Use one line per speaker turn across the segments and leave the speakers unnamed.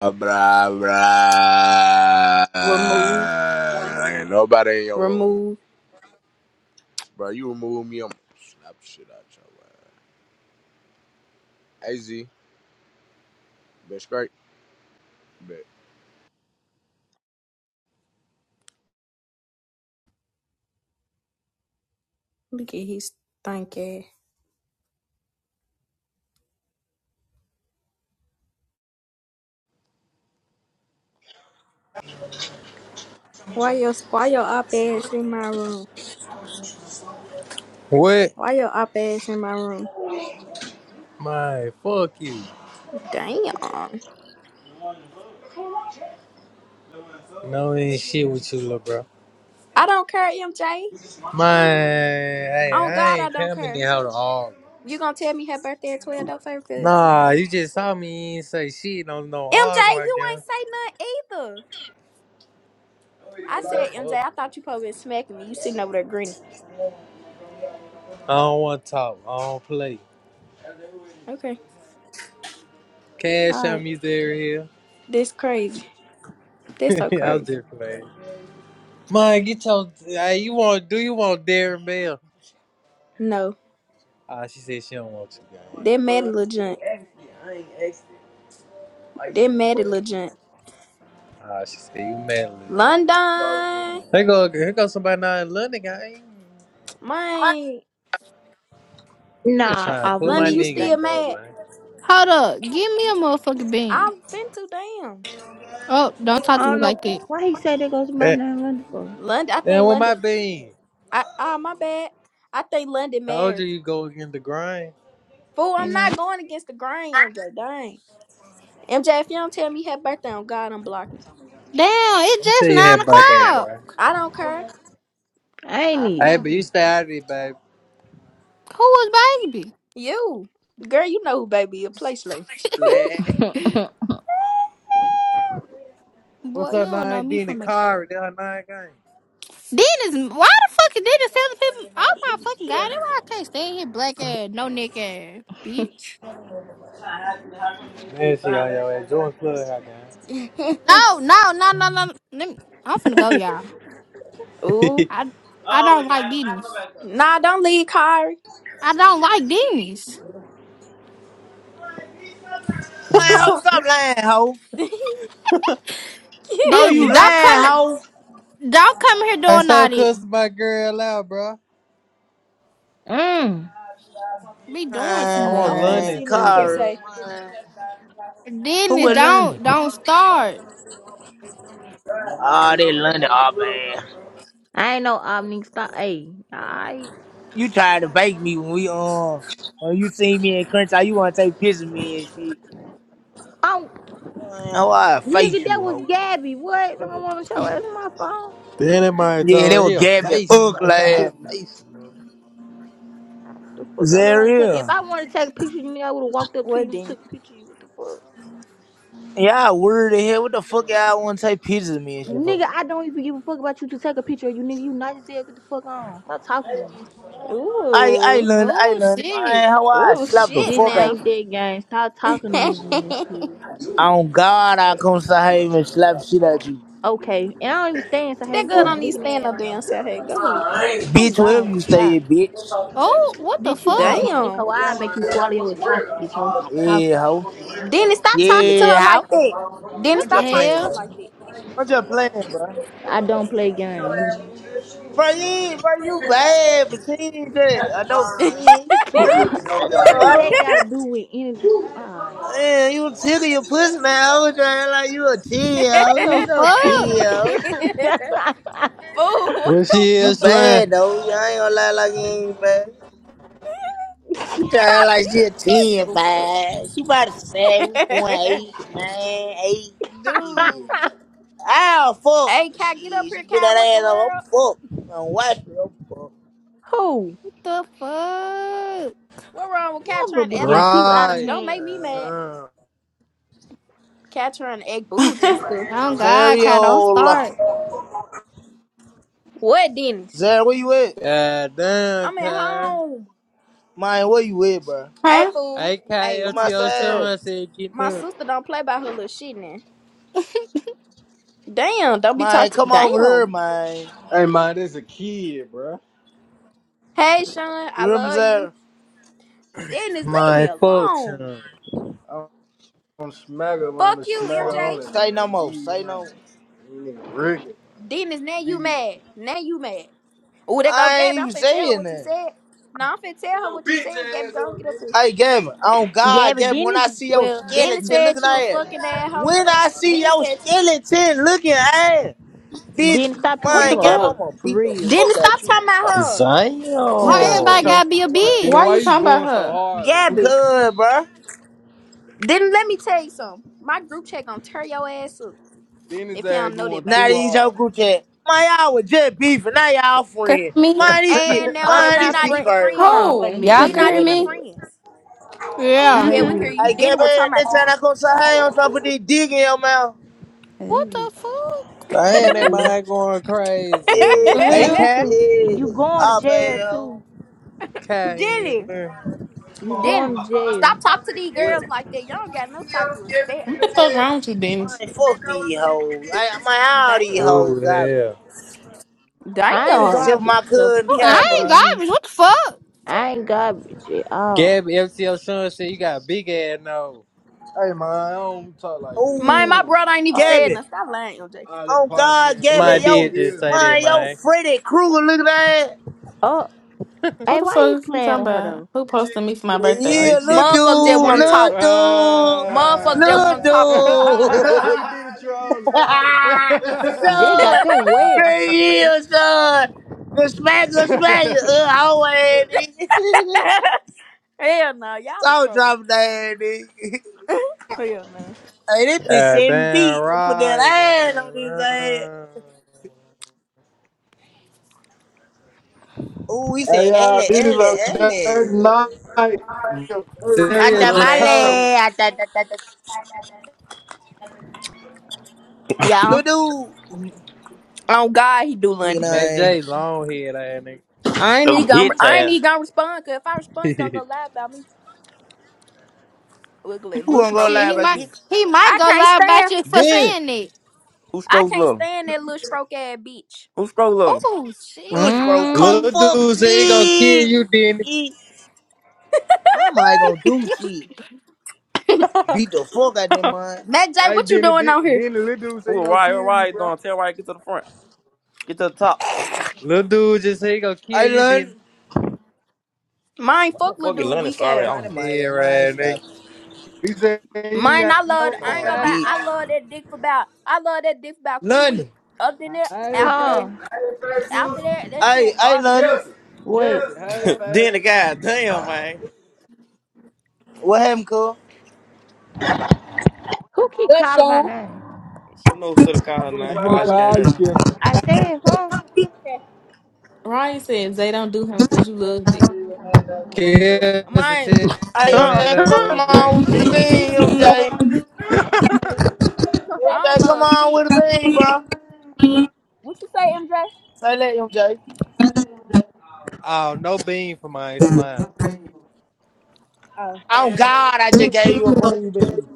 Blah, blah.
Remove,
Uh, Ain't nobody in your room.
remove.
Bro, you remove me, I'm gonna slap the shit out your ass. AZ, bitch, great. bitch.
Look at his stank ass. Why your why your op ass in my room?
What?
Why your op ass in my room?
My fuck you.
Damn. I
No ain't shit with you, little bro.
don't care, MJ.
My hey,
On
I
God, I
ain't
don't
coming in
care.
here to argue.
You gonna tell me her birthday at twelve though, favorite? Cause
Nah, you just saw me you ain't say shit no no
MJ,
arguing
you
again.
ain't say nothing either. I said, MJ,
Fuck.
I thought you probably been smacking me. You sitting over there grinning.
I don't wanna talk. I don't play.
Okay. All
Cash on
right.
me there here.
That's crazy. That's so
I was
crazy.
just playing. Man, get your hey, you want do you want Darren Bell?
No.
Ah, she said she don't want you guys.
That mad
Man,
little
who
junk.
asked you? I ain't asked you.
That mad little junk.
Ah, she said you mad legit.
London.
Here go here go somebody not in London, guy.
What?
Man.
I'm just
Nah,
trying to
off
put my
London, you
limits.
nigga in
still
Thank you.
though,
mad?
man.
Hold up. Give me a motherfucking bean.
I'm finna damn.
Oh, don't talk to
I
me
don't know
like that.
why he said that goes to my
That
name Linda for.
London, I
man,
think
with my
London.
bean.
I ah, my bad. I think London
Told you
married.
you go against the grind.
Fool, I'm
And
not
I,
going against the grain, MJ. Dang, MJ, if you don't tell me happy birthday on God, I'm blocking. you.
Damn, it's
I'm tell
just
you
nine
happy birthday,
o'clock.
man.
I don't care.
I ain't
I don't
it.
Hey, but
know.
you stay out of it, babe.
Who was baby?
You, girl, you know who baby is. Play slow.
Splat. What's
Boy, you
up,
don't know
nine
me
D and
from a
car They her nine gang.
Dennis. Why the fuck is Dennis telling people? Oh my fucking god! That's why I can't stand here, black ass, no neck ass, bitch.
Man, she on your ass. Join club,
No, no, no, no, no. Let me, I'm finna
her
go, y'all.
gang.
Ooh,
I I don't like Dennis.
nah, don't leave, Kyrie.
I don't like Dennis.
lying, hoe. Stop lying, hoe. How
Dennis,
you
don't come
lying, hoe?
don't come here doing
hey,
all
stop
that.
cussing my girl out, bro.
Mm.
Be doing too
I want
I'm
much.
finna
Man,
London
see now. I'm
too,
finna
though.
Cara,
say,
man. Who
Dennis,
in London?
don't don't start.
Oh, they London. Oh, man.
I ain't no off nigga stop. Hey, I,
You tried to bake me when we, um, when you see me in Crunch, you want to take pictures of me and shit.
oh
Man, how I
nigga,
face
that
you,
was
hoe.
Gabby. What? I don't want to show ass my phone.
Then that man
Yeah,
told
they
her
were
he a
gabbing
face. He
ugly
might try
ass.
a face.
The fuck
Is
I
that
look like taking. If
real?
I wanted to take a picture, of you nigga, I would have walked up to
what
you and
then?
took a picture. of You what the fuck?
Yeah, word weird hell. What the fuck y'all want to take pictures of me and shit for?
Nigga, I don't even give a fuck about you to take a picture of you, nigga. You nice as hell. Get the fuck on. Stop talking to me.
I, I
Ooh,
learned, I
Oh
learned,
shit.
man, how I
ooh,
slap the
shit
This
fuck out
now.
ain't
you.
that game. Stop talking to me, then, too.
On God, I come to Haven and slap shit at you.
Okay, and I don't even stand. So hey,
That
what
girl
you
don't need to
looking
stand
at?
up there and
Um,
say, hey, go ahead.
oh
Bitch,
God,
wherever you
what's
stay,
that?
bitch.
Oh, what the
Bitch, you want to do
fuck?
shit.
Damn.
How I make you swallow your esophagus? So stop
Yeah,
talking.
ho.
Dennis, stop
Yeah,
talking to
Yeah,
her
ho.
like that. Dennis,
What
I'm
the
stop
just
talking to
playing,
hell?
her
though.
like that.
I'm just playing, bro.
I don't play games. You-
Bro, you, bro, you bad, but you ain't just I know 10. You crazy, damn,
what do
ho.
that got to do with anything? Alright.
Man, you tickle your pussy now, ho. Trying like you a 10,
What
ho. You
the
ain't no 10,
fuck?
ho.
Fool, what
What
the
she
You
is
fuck?
slaying?
bad, though. Y'all ain't gonna lie like you ain't bad. She trying like she a 10,
So, fuck.
bad. She about a 7.8, Yeah.
Dude.
Ow, fuck.
Hey, Cat, get up
She, she
here,
bit
Cat.
that
What the
ass up. I'm
world?
fucked. I'm wifey. I'm fucked.
Who?
What the fuck?
What wrong with Cat
Mother
trying to
be
act
getting
like she
too out of
bougie?
Right.
Don't
hand.
make me
Man.
mad.
Uh-uh.
Cat trying to act bougie and stuff.
Oh God, cat, don't
Zariola.
start.
What, Dennis?
Zar, where you at?
God damn,
I'm at
Kyle.
home.
Man, where you at, bro?
Hey,
huh?
fool. Hey,
Come
my
AKLTO
sister don't
outside.
Sean said get
my
new.
sister don't play by her little shit now. Damn, don't be
Man,
talking.
come over here,
Damn.
man.
Hey man, this a kid, bro.
Hey, Sean,
You
I
hear me,
love you.
Zar?
Dennis, leave me
My fuck
alone.
Sean.
I'm on smacker, man.
Fuck
The
you,
smacker
Fuck you.
MJ.
only,
Say no
man.
more.
These,
Say no
man.
more.
you nigga rigged.
Dennis, now you
These.
mad. Now you mad. Oh, there go
I
Gabby.
ain't
I'm
even
finna tell her
saying
what you
that.
said. No, I'm finna tell her what you said, Gabby. Go and get up here.
Hey, Gavin. Oh, God,
Gabby
Gavin, when I
Dennis,
see your
well,
Dennis
skeleton
said
looking
you
at
a
it.
fucking asshole.
When I see
Dennis
your
said you.
skeleton looking at it. Bitch,
Dennis, stop
What
playing
man,
with
the
her.
Gavin, I'm
fuck?
gonna
For
beat the
real.
fuck
Dennis,
out
stop
you,
talking
bro.
about
Zion.
You
Why
got her
everybody
so
gotta
for
be a
good.
you know
Why
why
you
you
bitch?
talking about
going so
her?
her.
hard, little bro?
Gabby.
Cuz, bruh.
Dennis, let me tell you something. My group chat gonna tear your ass up
Then his
if y'all
ass
don't know that
going
by
Now
too
now.
these
hard.
whole group chat. Man, y'all was just beefing. Now y'all
can
friends.
hear me?
hey
Man, this shit,
And now, where
I'm
man,
we
this
not
not
shit
friend.
even
crazy,
Hold
friends.
on. Wait a
Who?
minute.
Y'all
Wait
We
a
can
minute.
not
hear
Wait a
even
me?
minute. Wait.
friends.
Yeah.
Yeah,
Wait a
we
Mm-hmm.
can
man.
hear
minute.
you.
I
Denny,
get
will are
back
talking about
next
you.
time I come say hey on top of this dick in your mouth.
What
Ooh,
the fuck?
Damn, that
mm-mm.
What?
man going
Yeah,
crazy.
The
bitch.
hell?
What
AK?
the?
Yeah.
You going to
Oh,
jail
man,
too?
hoe.
Kyle ain't
Denny,
there.
You
Denny,
going to jail?
stop talking to these
What?
girls like that. Y'all don't got no type of respect.
What the fuck wrong with you, Dennis?
Man, fuck these hoes. I, man, all these
Damn,
hoes
Ooh,
garbage.
hell.
I ain't
damn.
Except my
garbage, so
cousin
Oh,
please don't
I
Cab,
play
ain't
with
bro.
me.
garbage. What the fuck?
I ain't garbage at all.
Gabby FTO Sean said you got a big ass nose.
man, I don't talk like that,
My
bro.
my
Ooh.
brother ain't even
Oh,
All that,
said
Gabby.
nothing. Stop lying, LJ.
all that
Oh, God,
parlay, but who
My
Gabby,
the fuck
did
yo,
just
is the
say that,
man,
gas?
yo,
man.
Freddy Krueger, look at that.
oh,
Who
hey,
the
why you
fuck you
playing
talking
with her
about?
though?
Who posted me for my
Nah,
birthday?
he
Yeah, little
chicken
Motherfucker
uh,
just
dude,
want to
Gabby.
talk.
little dude,
Motherfucker
Ah.
just want to talk to
Look
me.
at
little dude.
the trolling.
They got
son,
them wet.
three years, son. Good smack, good smack. Uh, hallway, nigga.
Hell no, y'all a
Stop
troll.
dropping that, nigga.
Hell no.
Hey, this bitch
God
seven
damn
feet. Gonna Put that
right,
iron on his ass.
God.
Ooh, he said,
Hey, uh,
Ellie,
this is
Ellie,
a third
Ellie.
night. Dirt.
Syria
Little ass stroke.
Jaco.
Atamale, atatatata.
Y'all,
Little dude.
on God, he do
Nigga,
London.
nah, I
Man, J
ain't.
long head ass
I ain't
Little
even gonna,
bitch
I ain't
ass.
even gonna respond, cause if I respond, he gonna
nigga.
go lie about me. Look at that
Who
little
gonna go
stroke
Shit,
lie
he
ass
about
might
you?
bitch.
he might
I
go
can't
lie
stand.
about you for
then
saying it.
Who
I
strokes
can't
little?
stand that little stroke ass bitch.
Who strokes little?
Oh
Lil
shit.
Scroll, come
Mmm.
little
fuck
dude say he gonna kill
me.
you, then
He- My mind gonna do shit. Beat the fuck out that mind.
Mac J,
Hey,
what you
Denny,
doing
Denny,
out here?
Denny, little dude say
Who
he
a
gonna
ride? All
kill you,
right,
bro.
don't tell right. Get to the front. Get to the top.
Little dude just say he gonna
I
kill you, then
learned.
Mine
Why the
fuck
fuck is
little dude
Lennox
weak
already
ass.
Mind
on
and mind,
Yeah,
and mind
right,
stop.
nigga.
He said he ain't
Mine,
got
I love
no
I ain't
My
gonna
five.
lie, I
bitch.
love that dick for about I love that dick for about three weeks.
London.
Other than that,
Hey,
after that,
Huh?
favorite
after
sister,
that, that shit
I
was
I
garbage.
learned.
Kelsey,
Wait.
Kelsey. Hey,
her? then the
favorite.
guy, damn man,
What happened, cool?
Who keep
Good,
calling my
Sean.
name?
she knows to the call her
I'm
name. I
finna
like she can't
call you,
hear.
Kelsey.
I said, huh?
Ryan said Zay don't do him because you loved it.
Kill us and
Mine,
I
tell him that
MJ,
her
come
boyfriend
on with the
cheating.
beam, MJ.
I don't
MJ,
MJ,
come
love
on
shit.
with the beam, bro.
what you say, MJ?
Say that, MJ.
Oh, no bean for my slime.
Oh.
Oh God, I just gave you a green bean.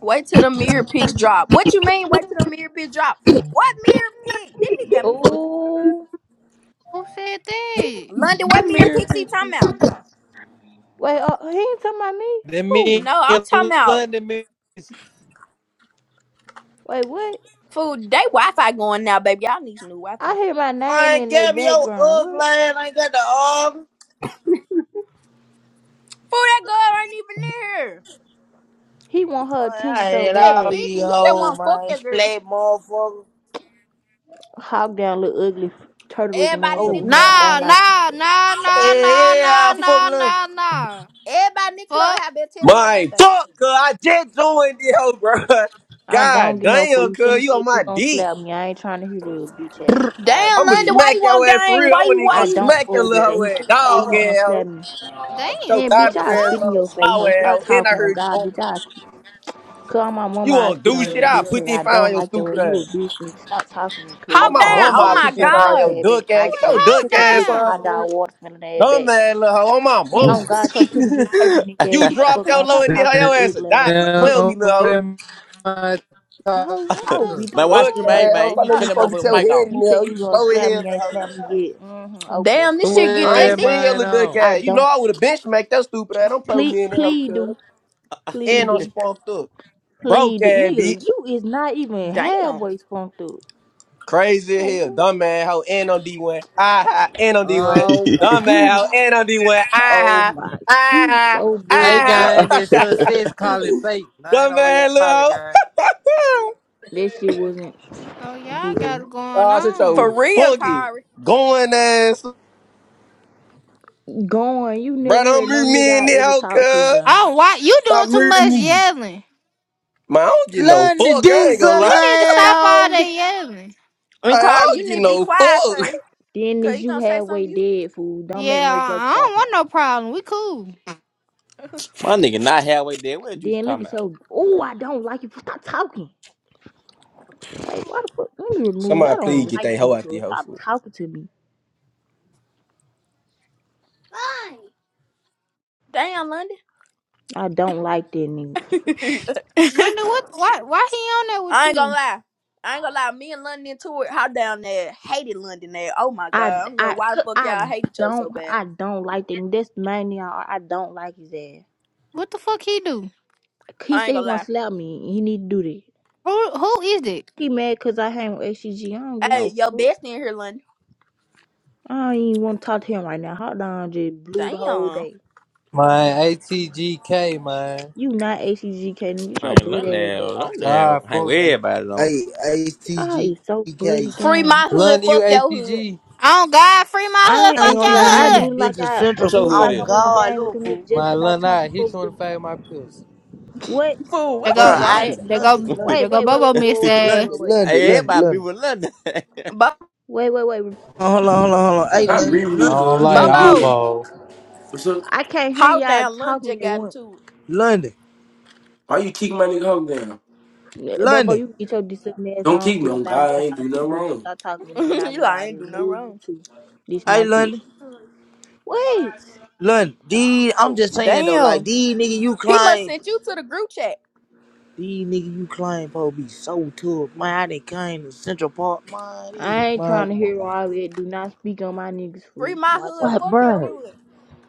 Wait till the mirror pics drop. What you mean wait till the mirror pics drop? What mirror pic? Didn't he got me fucked up?
Ooh.
Who said that?
London, what mirror
Mirror
pics he talking
pictures.
about?
Wait. Uh, he ain't talking about me.
Then me
Who?
No, I'm
in
talking about
London me.
Wait. What?
food. They Wi Fi going now, baby. Y'all need some new Wi Fi.
I hear my name
Man,
in their
Gabby, your
background.
ugly
What?
ass ain't got the arm.
Fool, that girl ain't even near. here.
He want her
Man, I
attention so
He
had
just
all
bad.
these
picking. You just
hoes,
want to fuck
man.
that girl.
Splat motherfucker.
Hog down little ugly turtle looking ass
Everybody in the
Oh,
over here. I
club have
don't
Nah,
been.
like
nah,
it.
nah, nah, nah,
hey,
nah,
yeah, fuck
nah,
London.
nah, nah.
Everybody in the club
Fuck.
have been telling me her
My
birthday.
fuck, cuz I just joined yo, bro.
I don't
God
get no for
damn,
you. Shouldn't
cuz
have
you
said
on
you was
my
gonna
dick.
slap me. I ain't trying to hear the bitch ass. I'll
Damn,
I'ma
kill
London,
you.
why
smack
you
your
want
ass for
gang?
real. I
Why
wasn't
you,
even
why
gonna
I
you?
don't
smack
fuck
your
with
little
his ass.
hoe
He
ass,
shouldn't have said he
dog
was gonna
ass. hoe.
slap me.
Damn.
So
Man,
What
bitch,
garbage
the
I
ass
fuck?
spit in
on
your face,
slow
hoe.
ass, hoe.
Stop
and I
talking on
heard you
God,
going.
bitch. I spit. Call my
You
mama, I
won't
spit
do
on you,
shit. I'll
bitch.
put
Hey,
this
I
fire
don't
on your
like your way.
stupid
You a
ass.
bitch, nigga. Stop talking to me, cuz. You
On
Hawk
my
Who
soft
down.
the
in
mama,
Oh
I'll
here.
fuck?
my
put
Get
this
your
fire
nice
on your
ass
God.
back,
duck
Who
ass.
nice
Get
ass
went
your
nigga.
hold
duck
Shut your
ass
ugly
on
hot
down?
somewhere.
dog water smelling ass
Dumb
back.
ass little hoe. On my
Man, oh
mama.
God, your Pikachu turkey nigga ass.
You
Get the
her.
dropped
fuck
your
on.
low
Stop
and then hoe,
talking to
your
me,
ass a
ugly ass
die. Quit
nigga. Chick,
playing with me,
Now, what
little
am I talking
How
What
how
the
to?
man,
beautiful
hoe.
that
watch
Duck
me,
you
fuck?
are.
man,
ass. hoe.
man. You
How
Stop letting
stop
me
turn that
fucking
motherfucking
tell
talking.
mic
Man.
head
off.
in
You
there.
said
hoe. You
you gonna
slow as
slap
hell,
me,
little
ain't
hoe.
slap me yet. Mm-hmm. Okay.
Damn, this shit get
I
Where
that
ain't
am
deep.
seen your
I
little duck
now?
I
ass. You know
don't.
I would have benchmarked that stupid ass. Don't play with
Please,
me in that hoe,
please
cuz.
do, please
And I'm
do,
spunked up.
please
Broke
do,
ass
nigga.
bitch.
You is not even
Damn.
halfway spunked through.
Crazy as
Like
hell.
what?
Dumb ass hoe. And on D1. Ah ha. And on D1.
Oh my
Dumb ass hoe.
god.
And on D1. Ah
Oh
ha.
my.
Ah
You
ha.
so
I
bloody fool.
gang
Ah
this
ha.
success call it fake. I ain't
Dumb
no real
ass little
college gang.
hoe.
That shit wasn't
Oh,
boo
y'all got
boo.
it going
oh, such
on.
your
For real,
funky
Kari.
going ass.
Gone. You
Bro,
never
don't
heard
murder
no nigga
me in
I
that
ever
hoe,
talked to
cuz.
gone.
Oh, why you
Stop
doing too
murdering
much
me.
yelling?
Man, I don't get no
London
fuck. I
dick
ain't gonna lie.
You
sucking
Like,
need to
that
stop all
asshole.
that yelling.
And
I
Kari,
don't
you
get
need to be
no
quiet,
fuck.
cuz.
Then
Cuz
this
he
you
gonna say
halfway
something to you.
dead fool. Don't make
Yeah,
no joke
I don't
about me.
want no problem. We cool.
My nigga, not halfway there. What you
Then look
talking
at
about?
your, oh, I don't like you. Stop talking. Like, why the fuck? Let me remove you. I
Somebody please
don't
get
like
that hoe
you,
out the
cuz.
hoe
Stop
for
talking to me.
Damn, London.
I don't like that nigga.
Linda, what? Why? Why he on there with
I ain't gonna
you?
lie. I ain't gonna lie, me and London into it. How down there hated London there. Oh my
I,
god, I don't know
I,
why the fuck
I
y'all hate each other so
don't,
bad.
I don't like that. That's the main thing I, I don't like his ass.
What the fuck he do?
He
I ain't
said he
gonna
want to
lie.
slap me. and He need to do that.
Who? Who is it?
He mad cause I hang with HCG. don't get
Hey,
no
your
fuck.
best in here, London.
I don't even want to talk to him right now. Hold on, just blew the whole
Damn.
day.
My ATGK man.
You not HCG, Kaden. Get your
I ain't
butt ass back.
Lennox.
Oh God,
Lennox hang
fuck
with
ATG.
everybody on.
Hey, hey,
Y'all is so buddy
TGK.
Free
gang.
my hood,
Lun you
fuck your hood.
ATG.
Oh God, free my
I
hood. Fuck
ain't
ain't
your
gonna
HCG
lie, I
no do
hood.
done
it
been
like
to
I
Central
What's your
do it
hood
like
on
I'm in the
God, I
game with
look
them
fool.
niggas just
My
cause I
Lun
talked to
I he
fuck with
twenty
them.
five my pills.
Wait,
I'm
Fool,
They
what
over
be
Bro,
go.
wrong
I
ATG.
They,
with
they
London,
go.
is?
wait,
London,
They go.
wait, wait, wait,
Bobo
wait,
miss
wait,
hey,
wait, wait,
London,
ass.
wait,
London, London,
everybody be
London.
with London.
you? Bo-
wait, wait, wait,
Oh, hold on,
wait.
hold on, hold on. Hey,
Hold on.
Stop
London,
reading
I
me,
London,
don't
cuz. Give
like
me
Bobo,
beans.
eyeball.
What's up?
I can't hear
how
y'all
damn London
talking
just
at
got
once.
into
London,
Why you kick my nigga hog down?
Yeah, Bobo,
London.
you can get your disgusting ass
Don't
on
kick me
too. I'm
on
not
God.
with
I ain't
all
do
that.
nothing
Bobo,
wrong.
stop talking to me. You're
it.
not
you
with
like, I
all that.
ain't do nothing
Remove you
wrong.
too. This
Hey,
not that.
London,
Wait.
London. These, I'm just saying though, like
Damn.
these nigga you
He must
claim,
sent you to the group chat.
these nigga you claim, po be so tough. Man, I done came to Central Park. Man, these
I
nigga,
ain't
man,
trying to
come on.
hear all that. Do not speak on my niggas,
Free
fool.
my
Watch
hood,
out.
What,
fuck your
bird?
hood.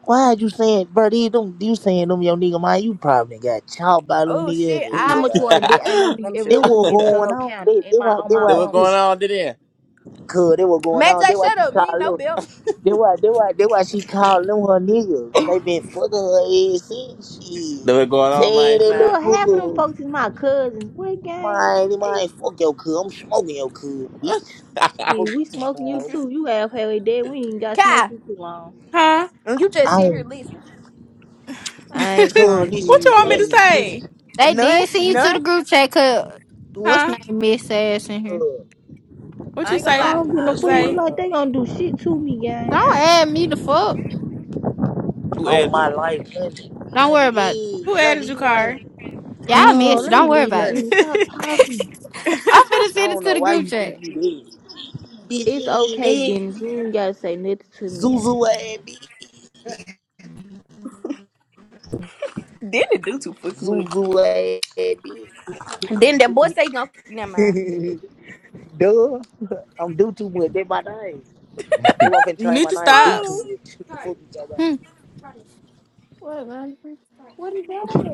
Why you saying, bird? You don't you saying them your nigga man? You probably got chopped by them
Oh
nigga in
shit,
How
here.
I.
much you ought to
Like.
Never
bet ain't
mind.
no
that
nigga
Let me
ever
shut
They
up.
touched
what
me in
going
DeSoto
on.
County
They
Am
they
I
why,
on
they
my
why
what
mama.
going
this
on today?
cuz they what going
Matt J,
on. They why
shut
she
up. You ain't
called
no
them.
better.
They why they why they why she called them her niggas. They been fucking her ass since
That
she
what going on my
saying that
Islam?
Cuz half of them
little pussy.
folks is my cousins. What gang?
Mine,
Hey,
mine, fuck your cuz. I'm smoking your cuz, bitch. Fuck
shit,
you
we
talking
smoking you
about.
too. You half halfway dead. We ain't got smoke
Kai,
you too long.
huh?
and you just
I
sitting here
don't
listening.
I ain't
cuz
trying to
listen,
what
hear
you
it,
want me to
splat,
fool.
say?
listen,
They
None,
did send you to
none.
the group chat cause what's name
Huh?
miss ass in here.
cuz.
What
I
you
ain't gonna
I
lie.
say,
don't get no
I
uh,
fool.
swear
Ain't
to
Zay?
like they
God.
gonna do shit to me, gang.
Don't add me the fuck.
Who
on
had
my
you?
life, London.
Don't worry
London,
about it.
you
Who
ain't,
added
London,
you,
you
car?
ain't
Y'all
Oh,
missed it.
let me
Don't
good.
worry
leave it,
about it.
London,
Dennis.
you
Stop talking.
I'm finna
I
send it
don't
to
know
the
why
group
you think
chat.
you dead. Bitch,
It's
you
okay,
ain't dead.
Dennis. You ain't gotta say nothing to me, gang.
Zuzu ass bitch.
Didn't it do too fucking much.
Zuzu ass
Then that boy say, no, never mind.
bitch. Duh. I'm do too much. That's my name. They want finna change
need
my
to
name. Do
stop.
too
Fool.
much. What the fuck you talking about?
Hmm. What, man?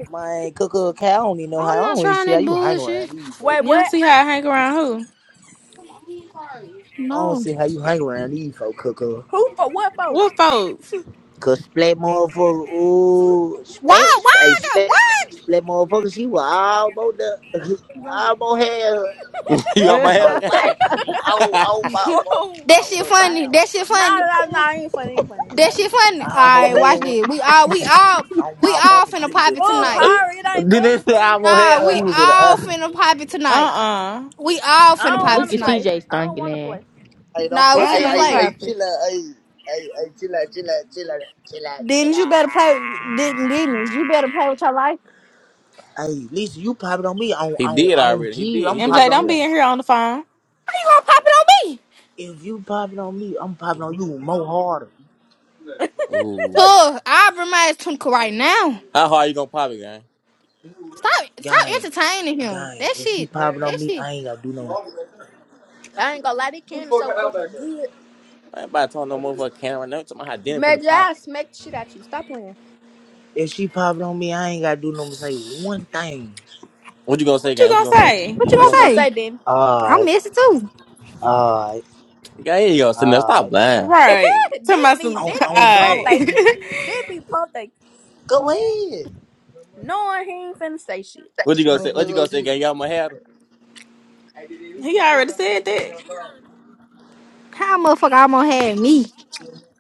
My cuckoo cat, I don't even know how. I
I'm not
don't even
trying
see how
that
you hang
bullshit.
around these folks.
Wait,
You
cool.
don't
what?
see how I hang around who?
I don't
No.
see how you hang around these folks, cuckoo.
Who for what for?
What folks?
Cause play more for ooh,
Why? Why?
play play
I got
play
what?
play more for she was all about the all about hair
You on my head
on
again?
white oh, oh, about oh,
Fool.
That
oh,
shit
the
funny.
bow.
That shit
Nah,
funny.
nah, nah, ain't funny, ain't funny, ain't
That
funny.
Hey,
shit funny. All
I almost
right,
had
watch
her
this. We all, we all,
on
we
my
all
mom,
finna
She was
pop it
in the
Fool,
uh,
tonight.
Kari, it ain't
did they
funny,
say
fool.
I'm on head?
Nah, we
she
huh?
was in the
all
uh.
finna pop it
Uh
tonight.
uh
We all
I
finna
don't
pop it
Look
wanna
at
tonight.
play.
CJ
I don't
stinking
wanna
ass.
play.
Hey, don't
Nah, we
put.
I
I,
don't
finna
want to
I,
play.
I
pop it.
chill out. I, I hey, chill out, chill out, chill out, chill out, chill
Didn't you better play?
out.
Didn't didn't you better play with your life?
Hey, Lisa, you popping on me on
He
on
did
on
already. He
G.
did. He
I'm
just
MJ,
popping
went to
on
don't
you.
be
jail.
in here on the phone.
You gonna pop it on me?
If you popping on me, I'm popping on you more harder.
Ooh.
Tuh, I'll bring my ass to him right now.
How hard you gonna pop it, gang?
Stop, stop
Gang,
entertaining him.
gang.
That
If she
shit,
popping
that
on me,
shit.
I ain't gotta do no.
I ain't gonna lie, this candy's so fucking good.
I ain't about to talk no motherfucking can right now. You Talking about how dinner finna
Major,
pop.
I'll smack the shit out you. Stop playing.
If she popping on me, I ain't gotta do no. Say one thing.
What you gonna say,
What you
gang? What you
gonna
gonna say?
say?
What
What you
you
What
gonna
you
gonna
gonna
say?
say?
say, then?
I
Alright,
miss it too.
alright,
Gang, here gonna sit there. Stop
alright.
lying.
Right. Tell
did
my
be
some.
On,
did
All
be
on
pump
right.
fake.
God.
Did be pump fake.
Go ahead.
Knowing he ain't finna say shit.
What you
You
gonna say?
motherfucker
What you gonna
go
say,
see.
gang? You all my head?
he already said that.
How a motherfucker almost had me.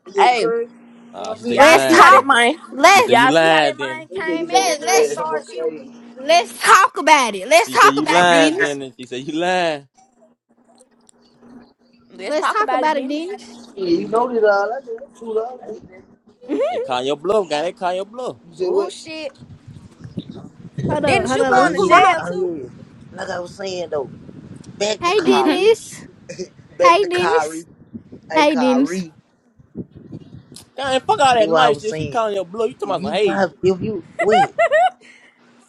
You get the
Hey,
crib?
Ah, she said you
y'all
Let's
see
lying
how that
then.
talk.
mind
She said
Let's
you
y'all see how that
lying then.
mind
You better
came
get
in
your
here
let,
woman
trying to
let's
later. I'm
start
going
shit with me.
let's talk about it. Let's
She said
talk
you
about it,
lying
Dennis.
then. And she said you lying.
Let's
Let's
talk
talk
about it,
about it,
Dennis.
Dennis.
Yeah, you know this all. I said, that's two dollars. You
They call your bluff, guy. They call your bluff.
said
Oh
what?
shit.
Hold up,
Didn't
hold
you
up. Let me
Oh
going to
put my
yeah,
jail
ho-
too?
oh yeah. Like I was saying though, back to
Hey,
Mhm.
Kari.
Dennis.
back
Hey,
to
Dennis.
Kari. Hey
Hey, Dennis.
Kari.
Guy, fuck
Like,
all
that's
that
what I
nice
was
shit. She
saying.
calling your bluff. You talking
If
about some
you
hey.
pop, if you wait,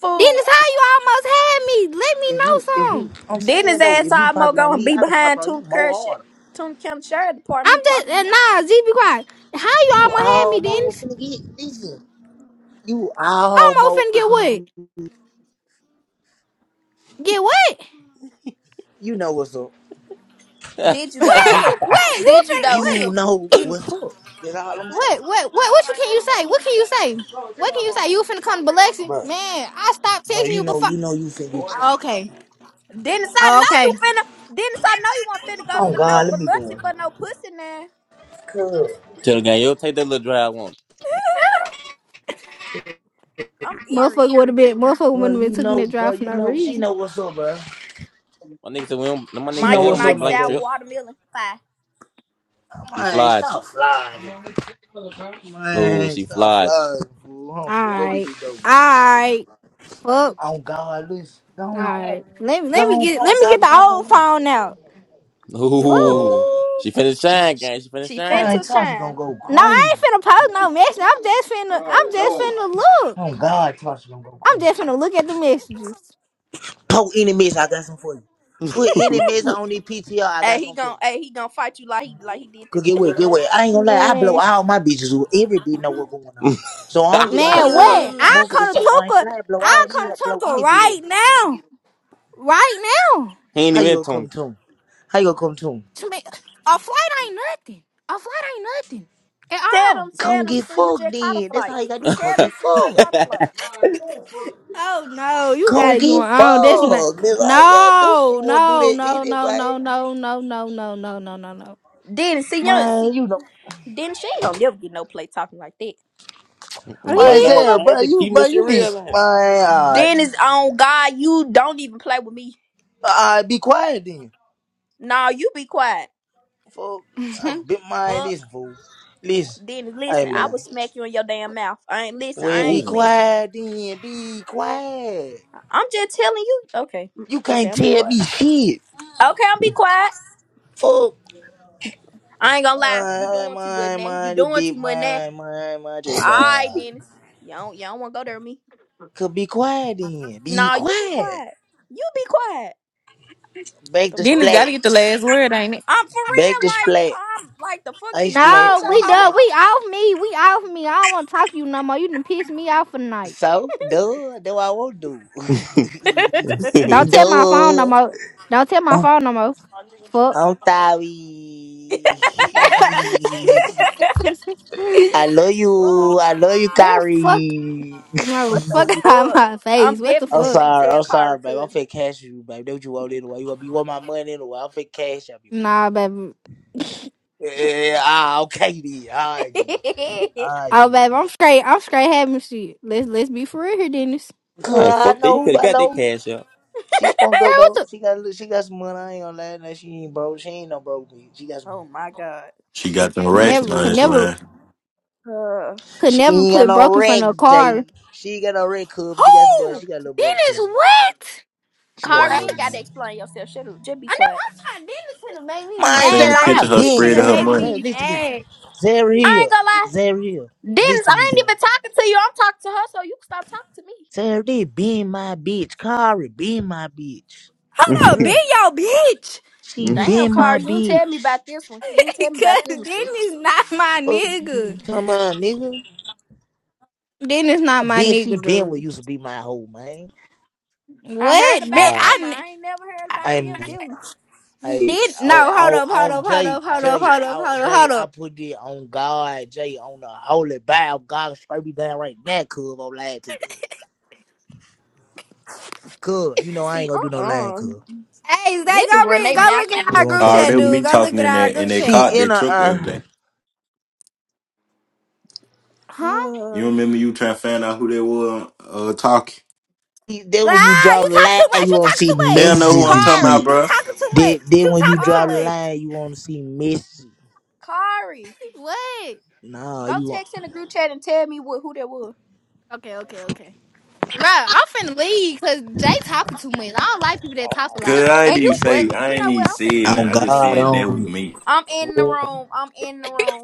Fool.
Dennis, how you almost had me? Let me
if
know
you if you,
something.
I'm
Didn't his
saying though,
ass
if you pop
almost
it
go
on
and
me,
be
I can pop it
behind
on you
Toon Kerr
more
shit?
harder.
Toon Kim Sheriff Department.
I'm
He
just uh,
talking.
nah, Z be quiet. How you
You
almost had me,
almost
Dennis?
finna get listen. You
Almost
almost
finna get what?
finna get.
Get what?
You know what's up.
Did you though?
You
What? What? You
Did you
finna
though?
you
what?
know
You
what's up. That's all I'm saying.
what? What? What? What you can you say? What can you say? What can you say? You finna come to Biloxi?
Bro,
Man, I stopped
bro,
texting
you
you
know,
before.
you know, you finna get.
Okay.
Dennis, I know you
Okay.
finna. Dennis, I know you want finna go to
Oh God,
Beno
let me go.
Biloxi
in here.
for no pussy now.
Cool.
Tell the guy, yo, take that little drive on.
I'm eerie.
Motherfucker would have been. Motherfucker
Bro,
wouldn't have been
you
taking
know,
that
bro,
drive for
you
no
know, she
reason.
know what's up, bro.
My niggas and him, my
She
niggas and
know
Mike and
him
what's up,
make
Ike
man,
blank
sour
Jay.
trip.
watermelon pie.
She
Man,
flies.
stop flying.
Oh,
Man,
she
stop
flies.
flying, fool. Home,
All
fool. Go
Yeah.
get
right.
this dope,
All
man.
right. Fuck.
On God, listen. Go
All
on, pop
right.
it.
Let me
Go
let me
on,
get
pop
let
it so
me
I
get
can
the
pop it
old
on
phone out.
you.
Fuck.
Ooh.
Ooh.
Ooh.
She finna shine, guy. She finna
She
shine.
Man,
finna
Tasha gonna
shine.
go
No, I
crazy.
ain't finna post no message. I'm just finna I'm just finna
On
look.
God, Tasha gonna go
I'm
crazy.
just finna look at the messages.
Put any mess, I got some for you. Put any mess on the PTR, I
Hey,
got
he
some for
gon'
you.
hey, he gon' fight you like he like he did
Cause
that
get
boy.
wet, get wet. I ain't gonna lie, I blow
Man.
all my bitches with every bitch know what's going on. So I don't get no
what the
Man,
fuck with
fuck?
what?
Ooh.
I
motherfuckers
come to
say my
Tuka.
slide blow
I
all these
come to
blow
Tuka
any bitch up.
right now. Right now.
he ain't
How you
even
gonna come
tongue.
to him? How you gonna come to him?
To me, a flight ain't nothing. A flight ain't nothing. At
Tell
all.
them,
Come
tell them,
get
so you
fucked
just caught a
then. That's
flight.
how you gotta do. Come
Tell them,
get
so you just caught a flight.
fucked.
Oh no, you got
Come
it
get
going on. That's not
fucked. That's all you gotta do.
no,
You wanna do
no,
that
no, no, no, no,
anyway.
no, no, no, no, no, no, no. no.
Then see young see
Man, you know.
then she ain't gonna never get no play talking like that.
He,
My
Man,
he
guy,
Sarah,
wasn't
I had
bro,
to
you
keep
bro,
this shit
you need
real, man.
man, alright.
Dennis on God, you don't even play with me.
Alright, be quiet then.
Nah, you be quiet.
Fuck I
Mhm.
bit mind
Fuck.
this fool. Listen.
Dennis,
Hey
listen, I
man.
will smack you in your damn mouth. I ain't listen.
Well
I
be
ain't
Ooh.
listen.
quiet then. Be quiet.
I'm just telling you. Okay. mm,
You
Okay,
can't
I'm be
tell
quiet.
me shit.
Okay, I'm be quiet.
Fuck.
I ain't gonna lie. You
My,
doing too much
my,
now. You
my, the
doing too
big,
much now.
my, my, my, just
Alright,
bad.
Dennis. You don't you don't wanna go there with me.
Could be quiet then. Be
Nah, you be
quiet.
quiet. You be quiet.
Bake
The
the
Dennis
fuck?
got to
splat.
get the last word, ain't
I'm for
Bake
real,
the
like
splat.
I'm like the fuck
I
did I
splat.
ain't
No,
your
we
hoe.
done. We off me. We off me. I don't want to talk to you no more. You done pissed me off for the night.
So, duh, do I won't do.
Don't tell my phone no
duh.
more. Don't tell my
Oh,
phone no more. Fuck.
I'm sorry.
it?
I love you.
Fool,
I love you,
Girl, fuck.
Kari.
No,
what the
fuck out
fuck?
my face.
I'm
What the
I'm
definitely
fuck?
finna
sorry.
tell
I'm
Kari
sorry, babe. I'm
cousin.
finna cash you, babe. That's what you want anyway. You want you want my money anyway. I'm finna cash up you.
Nah, baby.
Yeah, yeah, yeah. ah, okay then. All right then. All right
Oh,
then.
baby, I'm straight. I'm straight having shit. Let's let's be for real here, Dennis.
Good,
man,
I
fuck that. You
know.
could have
I
got that
know.
cash up.
She smoked
Girl,
dope
what
though.
the?
She got she got some money. I ain't gonna lie. No, she ain't broke. She ain't no broke bitch. She got some money.
oh my god.
She got them
Give it
racks
Never could
to her.
never
line.
Uh,
could
She
never
ain't got
put
no
broke in front of a
racks,
car.
Jay. She ain't got no red cup. She got some
Who?
money. She got a little money
Dennis,
cup.
what?
She got a
Kari, you
little
ain't
What?
gotta
money.
explain yourself. Shut up. Just be
I know
quiet.
I'm trying. Demon finna make me
I
Mine
seen
mad.
the
Zara,
Like
I
picture of her
Demon
been
spread of
finna
her
Zara.
make
money.
Zara,
me
listen to me.
mad.
Zara
I ain't
here.
gonna lie.
Zara here. Listen
Dennis,
to me,
I ain't
Zara.
even talking to you. I'm talking to her, so you can stop talking to me.
Zara did been my bitch. Kari been my bitch. You
Hold up, be
hear me?
your bitch,
She
Damn,
been my
Kari, you ain't tell me
bitch.
about this one. You ain't tell me about this
cause
one, sis.
Denny's not my
Fuck
nigga.
you talking about, nigga?
Denny's not
I
my
been she
nigga,
been what
dude.
used to be my hoe, man.
I heard
What? Did
about
Uh,
Homer.
I?
I ain't never heard about
hey
them.
man,
them.
hey,
Did
oh,
no? Hold
oh,
up, hold
on
up, hold
Jay,
up, hold up,
Jay,
hold up,
oh,
hold up,
Jay,
hold
I
up.
put it on God, Jay, on the holy Bible. God, straight me down right now, cuz, I'm lying to you, cuz. Cuz, you know I ain't
See,
gonna do no lying,
uh-uh.
cuz.
Hey, they go
Niggas run
read,
they
go
mouth
look
too
at
They
our
won't
much.
group
try
All
to
right,
chat,
tell
that was
you.
dude.
me
Go look
talking
at
in
our
that in
group
that
She
chat.
car,
in
that
her,
truck the other
uh,
day.
Huh?
You
Uh,
remember you trying to find out who they were uh, talking?
then
Like,
when you
Ah,
draw
you
the
talk too
line,
much.
you
You
won't
talk
see
too
They don't
much.
know who
messages
I'm
and
talking about,
shit.
Kari.
You
bro.
talking too much.
Then, then
You
when you
talking too
draw the
Kari.
much.
line, you won't see messages.
Kari,
What?
Nah,
go
you want
text in the group chat and tell me what who that was.
Okay, okay, okay. Right, I'm finna leave because Jay talking too much. I don't like people that talk a
Cause
lot.
I ain't
And
even
you, but
say I
you
ain't
know
even
what? I'm finna
said
end the
on
nothing. I
room
just
God,
said
anyway.
that was
on
me.
I'm in the
you.
room. I'm in the room.